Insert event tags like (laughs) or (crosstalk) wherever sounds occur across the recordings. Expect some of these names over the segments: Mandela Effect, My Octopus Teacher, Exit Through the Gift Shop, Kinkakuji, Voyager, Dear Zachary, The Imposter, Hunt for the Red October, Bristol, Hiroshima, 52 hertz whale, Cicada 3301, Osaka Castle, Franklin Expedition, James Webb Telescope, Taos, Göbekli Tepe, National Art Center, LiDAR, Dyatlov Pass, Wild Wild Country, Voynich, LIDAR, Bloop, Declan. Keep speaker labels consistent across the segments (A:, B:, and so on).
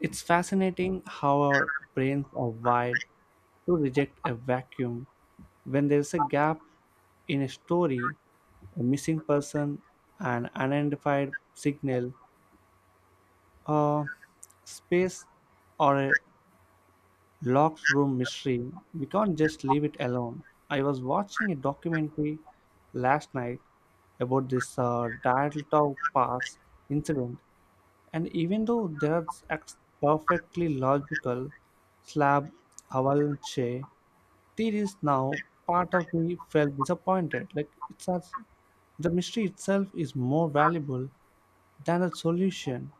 A: It's fascinating how our brains are wired to reject a vacuum. When there's a gap in a story, a missing person, an unidentified signal, a space, or a Locke's room mystery, we can't just leave it alone. I was watching a documentary last night about this Dialtov Pass incident, and even though there are perfectly logical slab avalanche theories now, part of me felt disappointed. Like it's as the mystery itself is more valuable than the solution,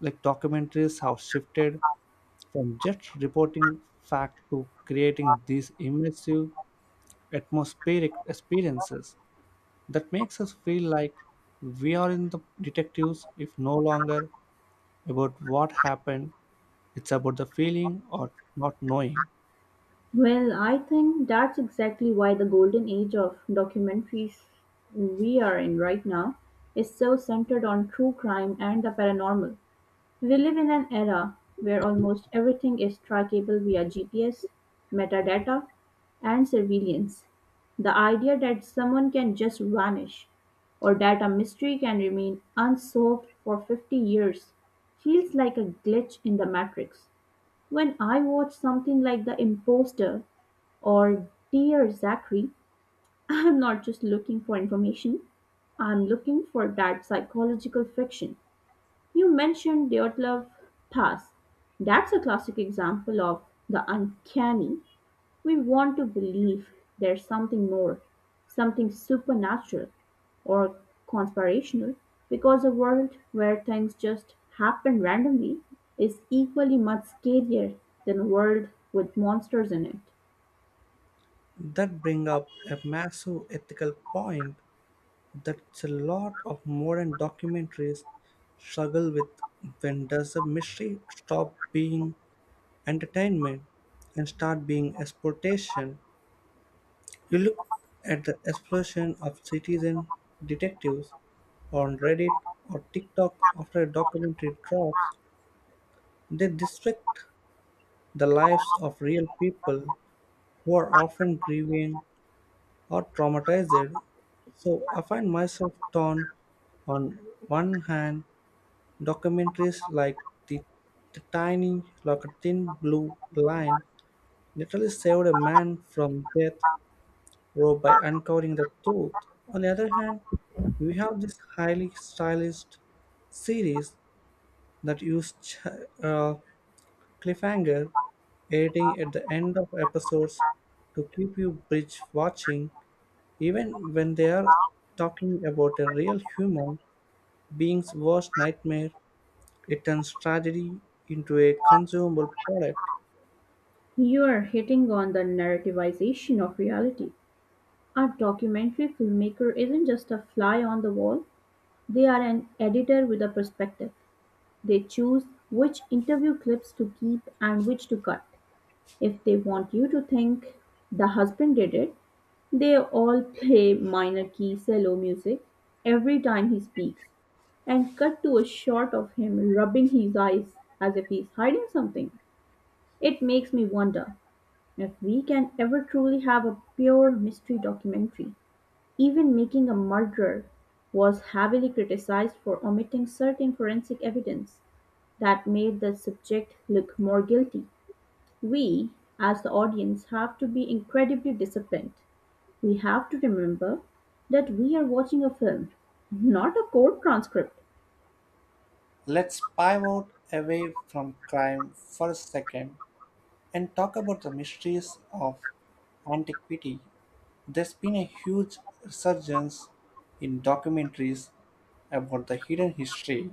A: like documentaries have shifted from just reporting fact to creating these immersive atmospheric experiences that makes us feel like we are in the detectives if no longer about what happened. It's about the feeling or not knowing
B: Well, I think that's exactly why the golden age of documentaries we are in right now is so centered on true crime and the paranormal. We live in an era where almost everything is trackable via GPS, metadata, and surveillance. The idea that someone can just vanish or that a mystery can remain unsolved for 50 years feels like a glitch in the matrix. When I watch something like The Imposter or Dear Zachary, (laughs) I'm not just looking for information, I'm looking for that psychological friction. You mentioned Dyatlov Pass. That's a classic example of the uncanny. We want to believe there's something more, something supernatural or conspirational, because a world where things just happen randomly is equally much scarier than a world with monsters in it.
A: that bring up a massive ethical point that a lot of modern documentaries struggle with. When does a mystery stop being entertainment and start being exploitation? You look at the explosion of citizen detectives on Reddit or TikTok after a documentary drops, they dissect the lives of real people who are often grieving or traumatized. So I find myself torn. On one hand, documentaries like the, the tiny, like a thin blue line, literally saved a man from death row by uncovering the truth. On the other hand, we have this highly stylized series that use uh, cliffhanger editing at the end of episodes to keep you binge watching even when they are talking about a real human being's worst nightmare. It turns tragedy into a consumable product.
B: You're hitting on the narrativization of reality. A documentary filmmaker isn't just a fly on the wall, they are an editor with a perspective. They choose which interview clips to keep and which to cut. If they want you to think the husband did it, they all play minor key cello music every time he speaks and cut to a shot of him rubbing his eyes as if he's hiding something. It makes me wonder if we can ever truly have a pure mystery documentary. Even Making a Murderer was heavily criticized for omitting certain forensic evidence that made the subject look more guilty. We, as the audience, have to be incredibly disciplined. We have to remember that we are watching a film, not a court transcript.
A: Let's pivot away from crime for a second and talk about the mysteries of antiquity. There's been a huge resurgence in documentaries about the hidden history.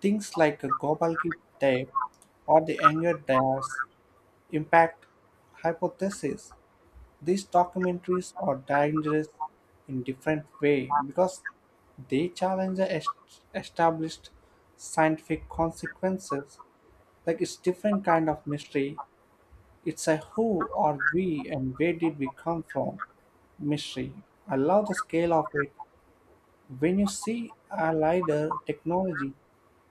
A: Things like a Gobekli Tepe or the Anger Dias impact hypothesis. These documentaries are dangerous in different way because they challenge the established scientific consequences. Like it's different kind of mystery. It's a who are we and where did we come from mystery. I love the scale of it. When you see a LiDAR technology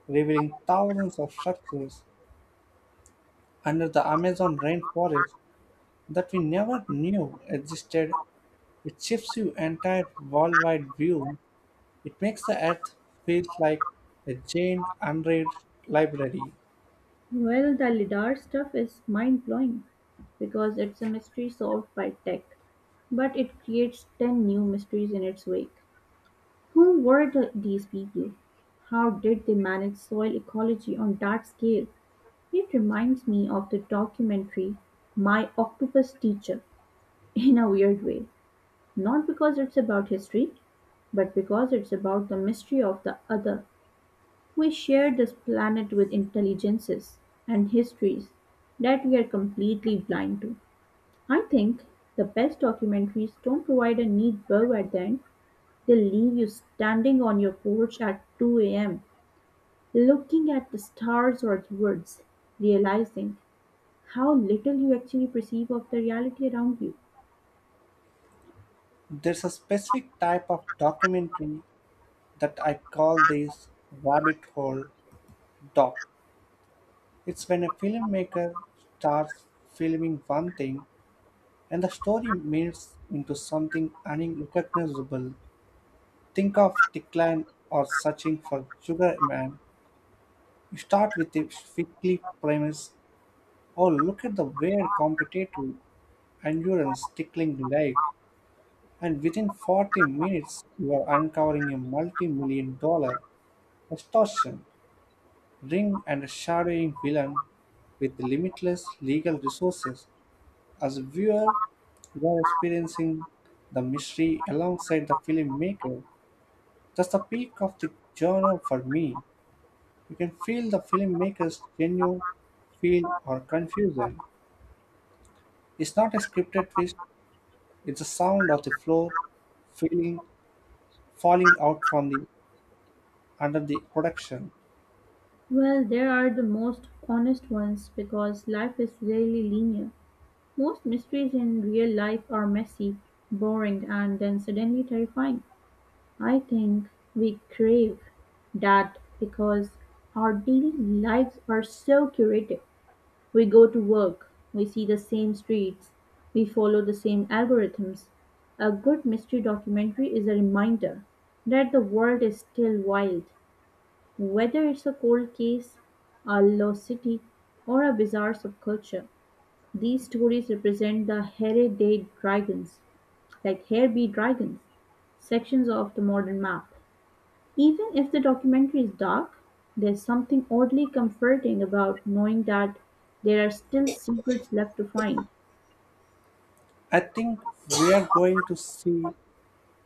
A: revealing thousands of structures under the Amazon rainforest that we never knew existed, it shifts your entire worldwide view. It makes the earth feel like a giant unread library.
B: Well, the LIDAR stuff is mind blowing because it's a mystery solved by tech, but it creates 10 new mysteries in its wake. Who were these people? How did they manage soil ecology on that scale? It reminds me of the documentary My Octopus Teacher in a weird way, not because it's about history, but because it's about the mystery of the other. We share this planet with intelligences and histories that we are completely blind to. I think the best documentaries don't provide a neat bow at the end, they leave you standing on your porch at 2 a.m., looking at the stars or the woods, realizing how little you actually perceive of the reality around you.
A: There's a specific type of documentary that I call this rabbit hole doc. It's when a filmmaker starts filming one thing and the story melts into something unrecognizable. Think of Declan or Searching for Sugar Man. You start with a fickly premise. Oh, look at the weird competitive endurance tickling leg. And within 40 minutes, you are uncovering a multi million-dollar extortion ring and a shadowing villain with limitless legal resources. As a viewer, you are experiencing the mystery alongside the filmmaker. That's the peak of the genre for me. You can feel the filmmaker's genuine feel or confusion. It's not a scripted twist, it's the sound of the floor feeling falling out from the under the production.
B: Well, there are the most honest ones because life is rarely linear. Most mysteries in real life are messy, boring, and then suddenly terrifying. I think we crave that because our daily lives are so curated. We go to work, we see the same streets, we follow the same algorithms. A good mystery documentary is a reminder that the world is still wild. Whether it's a cold case, a lost city, or a bizarre subculture, these stories represent the Here Day Dragons, like Here Be Dragons, sections of the modern map. Even if the documentary is dark, there's something oddly comforting about knowing that there are still secrets left to find.
A: I think we are going to see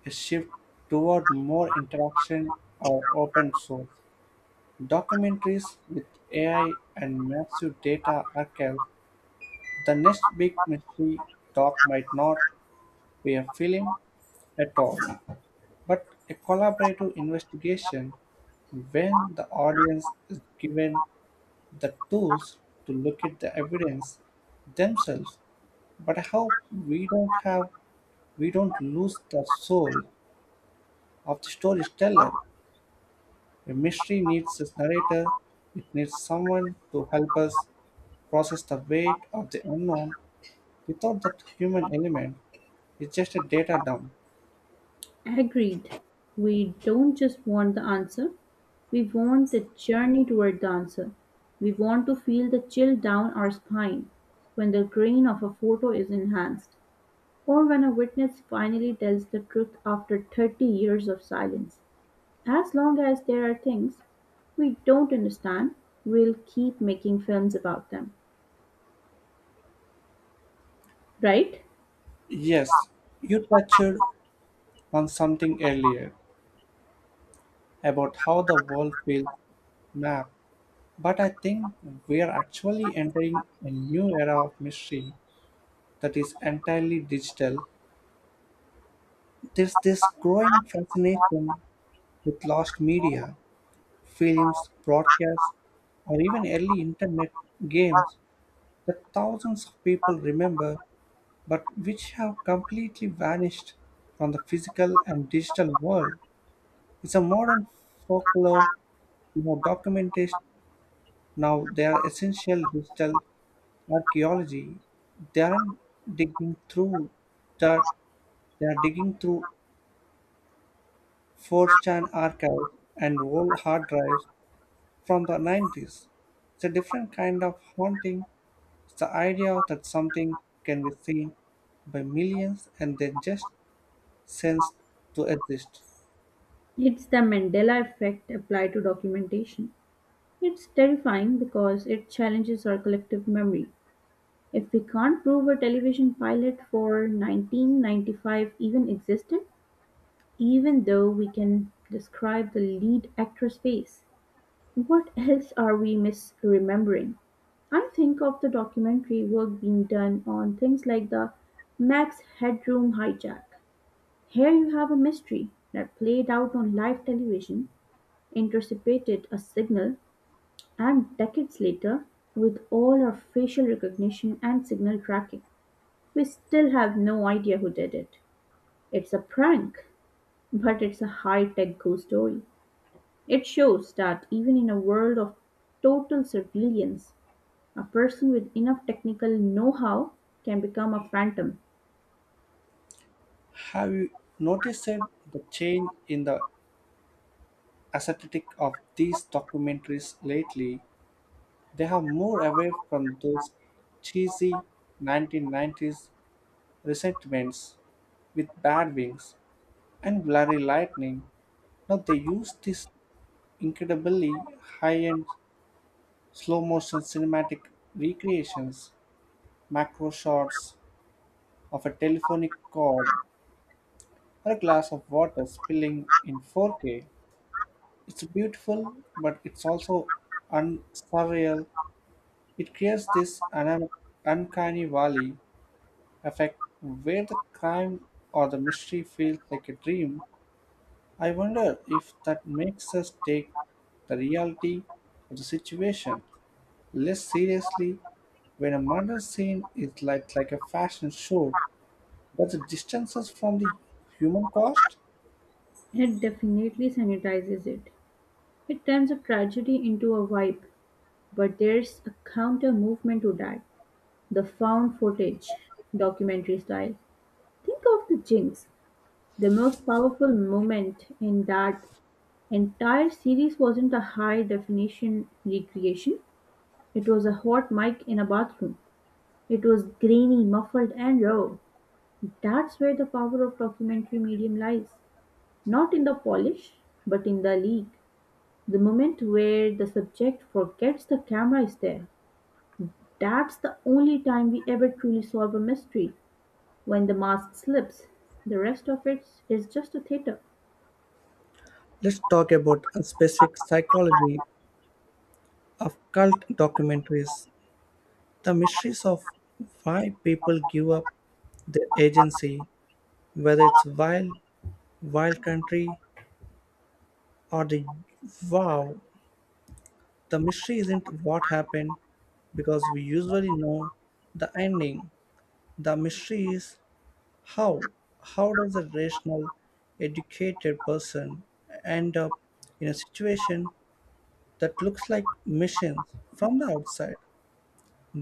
A: a shift toward more interaction or open source. Documentaries with AI and massive data archives, the next big mystery doc might not be a film at all, but a collaborative investigation when the audience is given the tools to look at the evidence themselves. But I hope we don't lose the soul of the storyteller. A mystery needs a narrator, it needs someone to help us process the weight of the unknown without that human element. It's just a data dump.
B: Agreed. We don't just want the answer, we want the journey toward the answer. We want to feel the chill down our spine when the grain of a photo is enhanced, or when a witness finally tells the truth after 30 years of silence. As long as there are things we don't understand, we'll keep making films about them. Right?
A: Yes, you touched on something earlier about how the world feels mapped, but I think we are actually entering a new era of mystery that is entirely digital. There's this growing fascination with lost media, films, broadcasts, or even early internet games that thousands of people remember but which have completely vanished from the physical and digital world. It's a modern folklore, you know, documentation. Now they are essential digital archaeology. They aren't digging through dirt, they are digging through 4chan archives and old hard drives from the 90s. It's a different kind of haunting. It's the idea that something can be seen by millions and then just sensed to exist.
B: It's the Mandela effect applied to documentation. It's terrifying because it challenges our collective memory. If we can't prove a television pilot for "1995" even existed, even though we can describe the lead actress' face, what else are we misremembering? I think of the documentary work being done on things like the Max Headroom hijack. Here you have a mystery that played out on live television, intercepted a signal, and decades later, with all our facial recognition and signal tracking, we still have no idea who did it. It's a prank, but it's a high-tech ghost story. It shows that even in a world of total surveillance, a person with enough technical know-how can become a phantom.
A: Have you noticed the change in the aesthetic of these documentaries lately? They are more away from those cheesy 1990s resentments with bad wings and blurry lightning. Now they use these incredibly high-end slow motion cinematic recreations, macro shots of a telephonic cord or a glass of water spilling in 4K. It's beautiful, but it's also surreal. It creates this un- uncanny valley effect where the crime or the mystery feels like a dream. I wonder if that makes us take the reality of the situation less seriously when a murder scene is like a fashion show. Does it distance us from the human cost?
B: It definitely sanitizes it. It turns a tragedy into a vibe, but there's a counter movement to that. The found footage, documentary style. Think of the Jinx, the most powerful moment in that entire series wasn't a high-definition recreation, it was a hot mic in a bathroom. It was grainy, muffled and raw. That's where the power of documentary medium lies. Not in the polish, but in the leak. The moment where the subject forgets the camera is there. That's the only time we ever truly solve a mystery. When the mask slips, the rest of it is just a theater.
A: Let's talk about a specific psychology of cult documentaries. The mysteries of why people give up their agency, whether it's wild, wild country or the wow, the mystery isn't what happened because we usually know the ending. The mystery is how. How does a rational, educated person end up in a situation that looks like missions from the outside?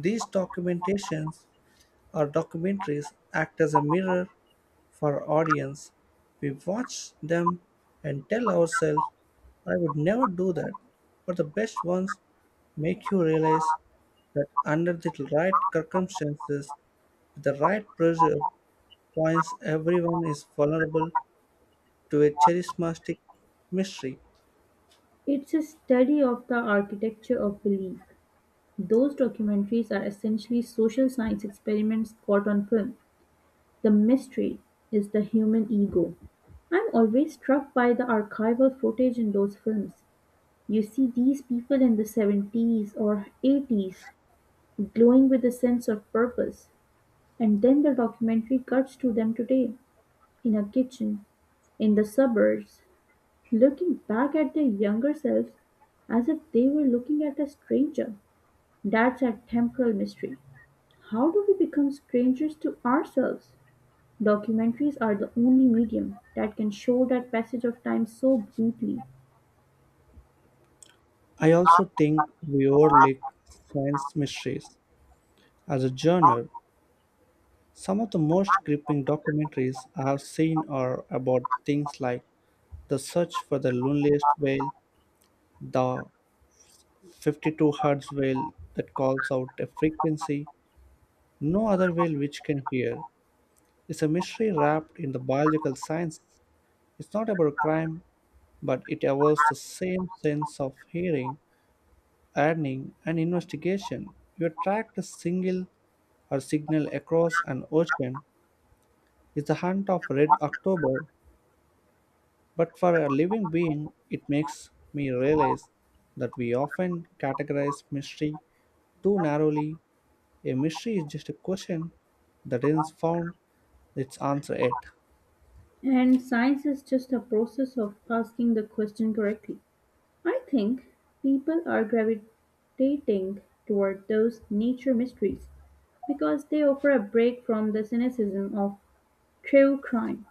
A: These documentations or documentaries act as a mirror for audience. We watch them and tell ourselves, I would never do that. But the best ones make you realize that under the right circumstances, with the right pressure points, everyone is vulnerable to a charismatic mystery.
B: It's a study of the architecture of belief. Those documentaries are essentially social science experiments caught on film. The mystery is the human ego. I'm always struck by the archival footage in those films. You see these people in the 70s or 80s glowing with a sense of purpose, and then the documentary cuts to them today in a kitchen, in the suburbs, looking back at their younger selves as if they were looking at a stranger. That's a temporal mystery. How do we become strangers to ourselves? Documentaries are the only medium that can show that passage of time so brutally.
A: I also think we overlook science mysteries as a genre. Some of the most gripping documentaries I have seen are about things like the search for the loneliest whale, the 52 hertz whale that calls out a frequency no other whale which can hear, is a mystery wrapped in the biological sciences. It's not about crime, but it evokes the same sense of hearing, earning, and investigation. You tracked a single or signal across an ocean is the hunt of Red October. But for a living being, it makes me realize that we often categorize mystery too narrowly. A mystery is just a question that isn't found its answer yet.
B: And science is just a process of asking the question correctly. I think people are gravitating toward those nature mysteries because they offer a break from the cynicism of true crime.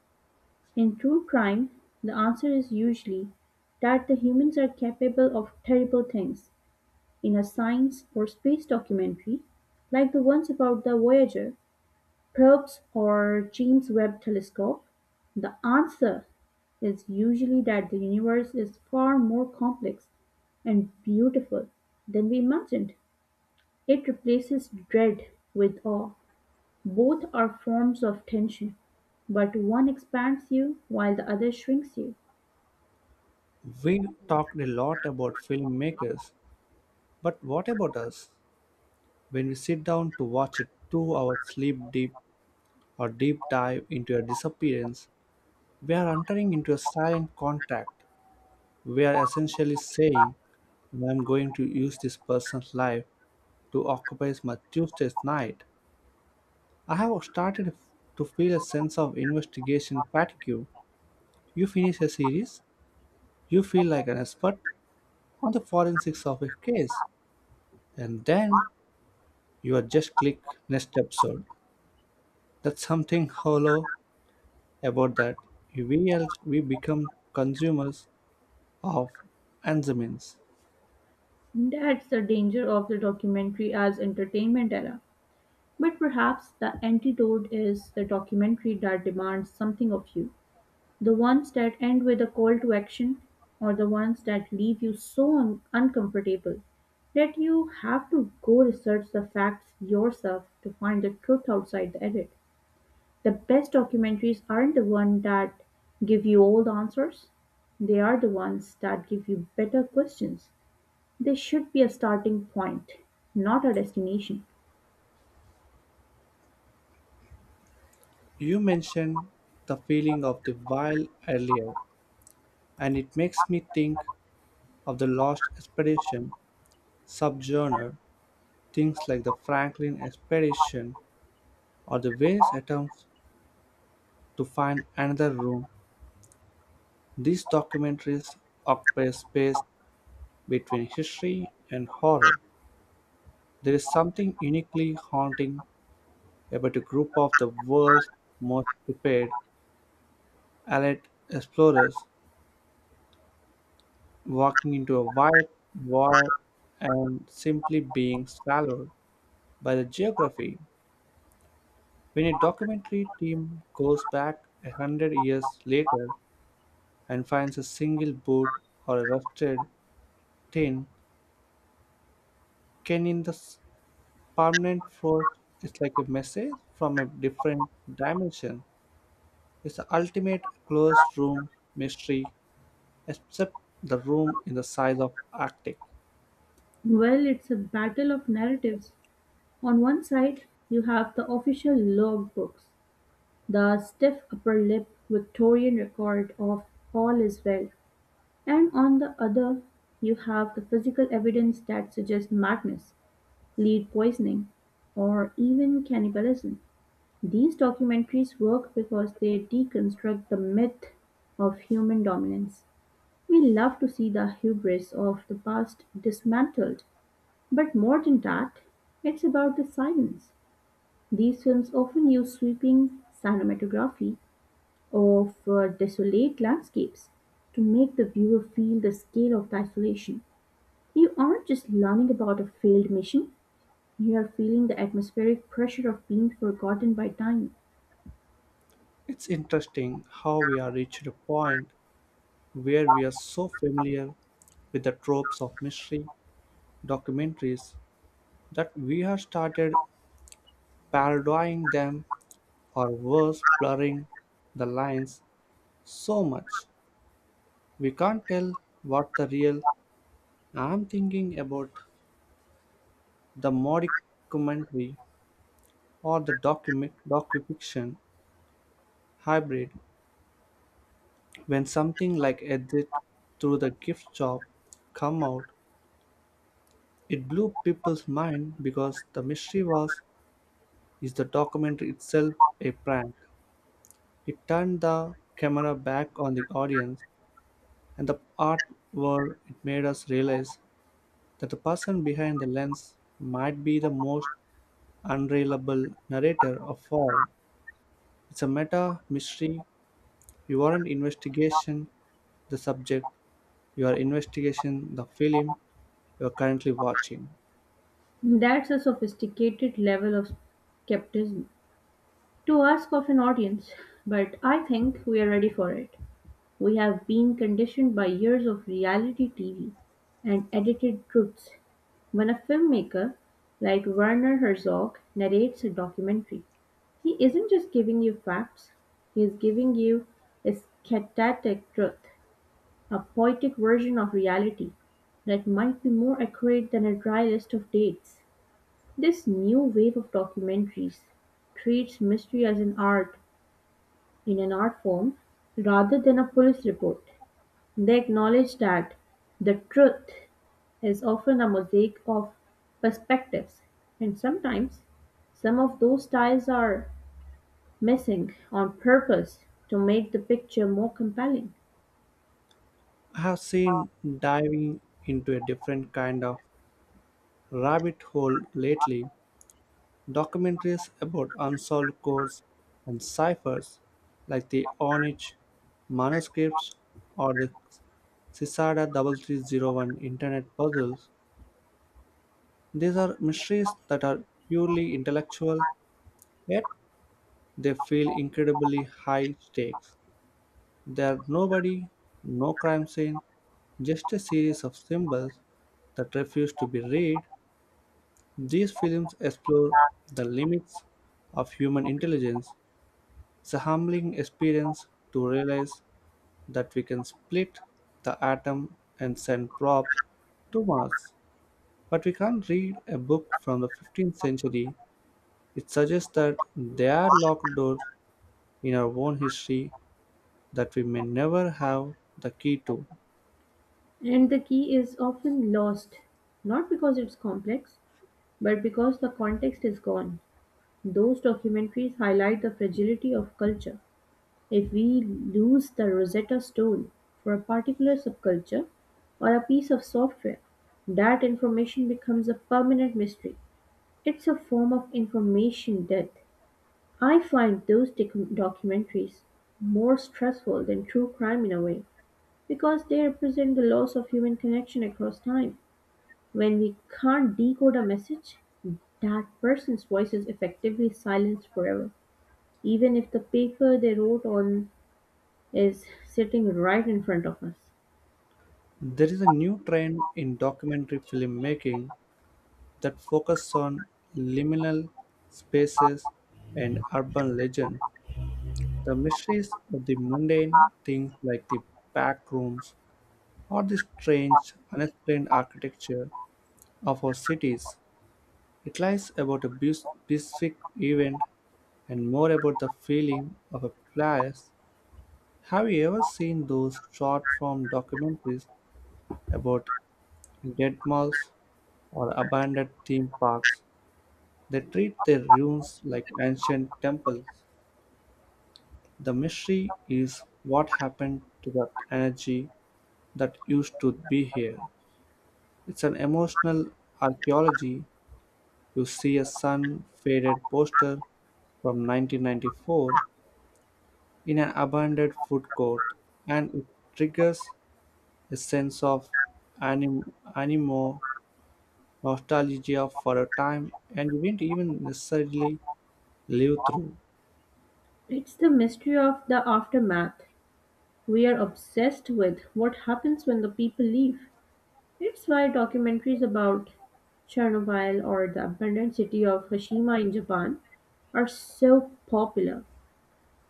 B: In true crime, the answer is usually that the humans are capable of terrible things. In a science or space documentary, like the ones about the Voyager probes or James Webb Telescope, the answer is usually that the universe is far more complex and beautiful than we imagined. It replaces dread with awe. Both are forms of tension, but one expands you while the other shrinks you.
A: We talked a lot about filmmakers, but what about us? When we sit down to watch a 2-hour sleep deep or deep dive into a disappearance, we are entering into a silent contract. We are essentially saying, I am going to use this person's life to occupies my Tuesdays night. I have to feel a sense of investigation fatigue. You finish a series, you feel like an expert on the forensics of a case, and then you are just click next episode. That's something hollow about that. We become consumers of enzymes.
B: That's the danger of the documentary as entertainment era. But perhaps the antidote is the documentary that demands something of you. The ones that end with a call to action, or the ones that leave you so uncomfortable that you have to go research the facts yourself to find the truth outside the edit. The best documentaries aren't the ones that give you all the answers, they are the ones that give you better questions. They should be a starting point, not a destination.
A: You mentioned the feeling of the while earlier, and it makes me think of the Lost Expedition subgenre. Things like the Franklin expedition or the various attempts to find another room, these documentaries occupy space between history and horror. There is something uniquely haunting about a group of the world's most prepared alert explorers walking into a wide void and simply being swallowed by the geography. When a documentary team goes back a hundred years later and finds a single boot or a rusted tin can in the permanent floor, is like a message from a different dimension. It's the ultimate closed room mystery, except the room in the size of arctic.
B: Well, it's a battle of narratives. On one side, you have the official logbooks, the stiff upper lip Victorian record of all is well, and on the other, you have the physical evidence that suggests madness, lead poisoning, or even cannibalism. These documentaries work because they deconstruct the myth of human dominance. We love to see the hubris of the past dismantled, but more than that, it's about the silence. These films often use sweeping cinematography of desolate landscapes to make the viewer feel the scale of the isolation. You aren't just learning about a failed mission, you are feeling the atmospheric pressure of being forgotten by time.
A: It's interesting how we are reached a point where we are so familiar with the tropes of mystery documentaries that we have started parodying them or worse blurring the lines so much. We can't tell what the real. I'm thinking about the documentary or the document docufiction hybrid. When something like Exit through the gift shop come out, it blew people's mind because the mystery was, is the documentary itself a prank. It turned the camera back on the audience and the art world. It made us realize that the person behind the lens might be the most unreliable narrator of all. It's a meta mystery. You aren't investigation the subject, you are investigation the film you are currently watching.
B: That's a sophisticated level of skepticism to ask of an audience, but I think we are ready for it. We have been conditioned by years of reality TV and edited truths. When a filmmaker, like Werner Herzog, narrates a documentary, he isn't just giving you facts, he is giving you a eschatic truth, a poetic version of reality that might be more accurate than a dry list of dates. This new wave of documentaries treats mystery as an art in an art form rather than a police report. They acknowledge that the truth is often a mosaic of perspectives, and sometimes some of those styles are missing on purpose to make the picture more compelling.
A: I have seen diving into a different kind of rabbit hole lately. Documentaries about unsolved codes and ciphers like the Onich manuscripts or the Sisada 3301 internet puzzles. These are mysteries that are purely intellectual, yet they feel incredibly high stakes. There are nobody, no crime scene, just a series of symbols that refuse to be read. These films explore the limits of human intelligence. It's a humbling experience to realize that we can split the atom and send probes to Mars, but we can't read a book from the 15th century. It suggests that there are locked doors in our own history that we may never have the key to.
B: And the key is often lost, not because it's complex, but because the context is gone. Those documentaries highlight the fragility of culture. If we lose the Rosetta Stone for a particular subculture or a piece of software, that information becomes a permanent mystery. It's a form of information death. I find those documentaries more stressful than true crime in a way because they represent the loss of human connection across time. When we can't decode a message, that person's voice is effectively silenced forever, even if the paper they wrote on is sitting right in front of us.
A: There is a new trend in documentary filmmaking that focuses on liminal spaces and urban legend. The mysteries of the mundane, things like the back rooms or the strange, unexplained architecture of our cities. It lies about a specific event and more about the feeling of a place. Have you ever seen those short form documentaries about dead malls or abandoned theme parks? They treat their ruins like ancient temples. The mystery is what happened to that energy that used to be here. It's an emotional archaeology. You see a sun faded poster from 1994 in an abandoned food court, and it triggers a sense of animo nostalgia for a time and you didn't even necessarily live through.
B: It's the mystery of the aftermath. We are obsessed with what happens when the people leave. It's why documentaries about Chernobyl or the abandoned city of Hiroshima in Japan are so popular.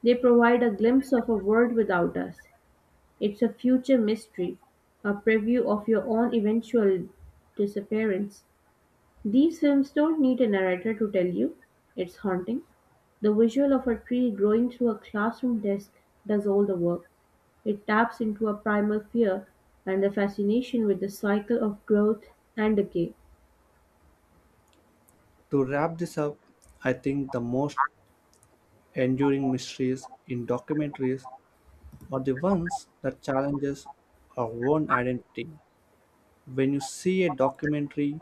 B: They provide a glimpse of a world without us. It's a future mystery, a preview of your own eventual disappearance. These films don't need a narrator to tell you it's haunting. The visual of a tree growing through a classroom desk does all the work. It taps into a primal fear and the fascination with the cycle of growth and decay.
A: To wrap this up, I think the most enduring mysteries in documentaries are the ones that challenges our own identity. When you see a documentary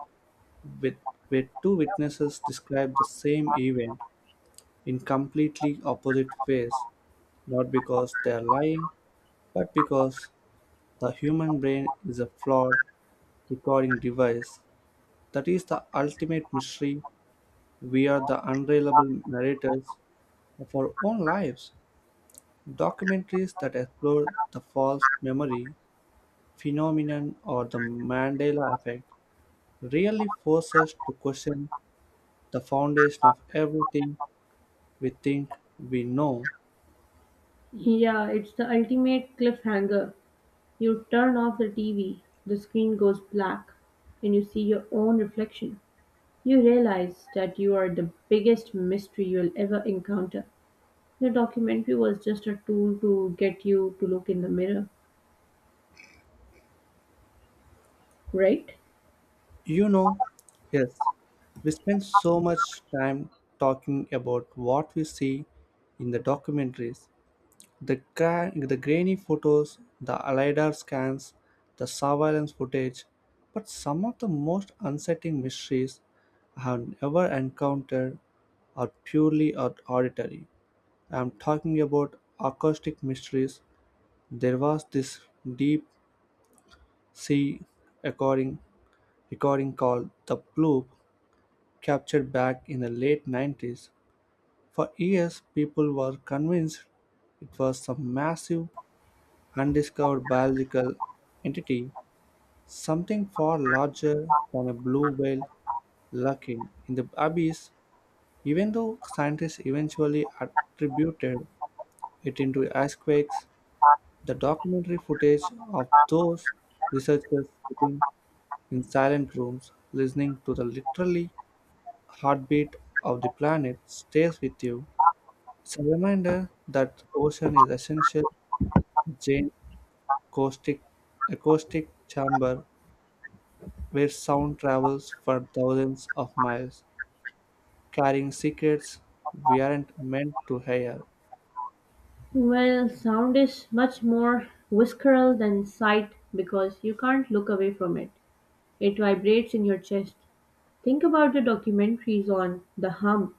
A: with where two witnesses describe the same event in completely opposite ways, not because they are lying, but because the human brain is a flawed recording device. That is the ultimate mystery. We are the unreliable narrators of our own lives. Documentaries that explore the false memory phenomenon or the Mandela effect really force us to question the foundation of everything we think we know.
B: Yeah, it's the ultimate cliffhanger. You turn off the TV, the screen goes black, and you see your own reflection. You realize that you are the biggest mystery you'll ever encounter. The documentary was just a tool to get you to look in the mirror, right?
A: You know, yes, we spend so much time talking about what we see in the documentaries, the grainy photos, the LiDAR scans, the surveillance footage, but some of the most unsettling mysteries I have ever encountered are purely auditory. I am talking about acoustic mysteries. There was this deep sea recording, recording called the Bloop captured back in the late 90s. For years, people were convinced it was some massive, undiscovered biological entity, something far larger than a blue whale lurking in the abyss, even though scientists eventually attributed it into earthquakes. The documentary footage of those researchers sitting in silent rooms listening to the literally heartbeat of the planet stays with you. It's a reminder that ocean is essential giant acoustic, acoustic chamber where sound travels for 1000s of miles, carrying secrets we aren't meant to hear.
B: Well, sound is much more visceral than sight because you can't look away from it. It vibrates in your chest. Think about the documentaries on the hum.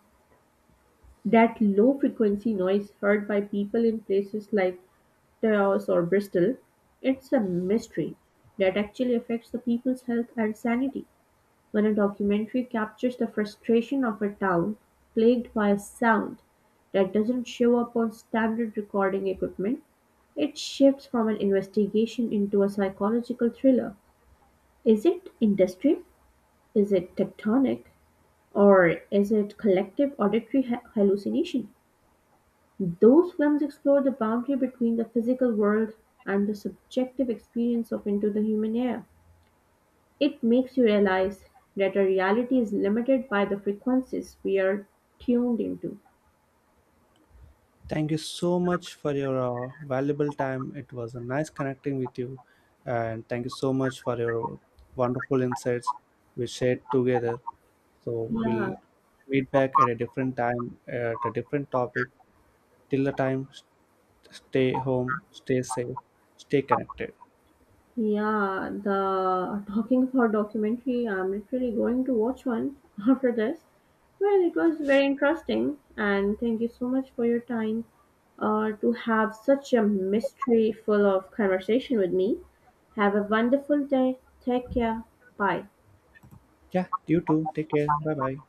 B: That low-frequency noise heard by people in places like Taos or Bristol, it's a mystery that actually affects the people's health and sanity. When a documentary captures the frustration of a town plagued by a sound that doesn't show up on standard recording equipment, it shifts from an investigation into a psychological thriller. Is it industry? Is it tectonic? Or is it collective auditory hallucination? Those films explore the boundary between the physical world and the subjective experience of into the human air. It makes you realize that our reality is limited by the frequencies we are tuned into.
A: Thank you so much for your valuable time. It was a nice connecting with you, and thank you so much for your wonderful insights we shared together. So
B: Yeah,
A: we'll meet back at a different time at a different topic. Till the time, stay home, stay safe, stay connected.
B: yeah, the talking about documentary, I'm literally going to watch one (laughs) after this. Well, it was very interesting, and thank you so much for your time to have such a mystery full of conversation with me. Have a wonderful day. Take care. Bye.
A: Yeah, you too. Take care. Bye bye.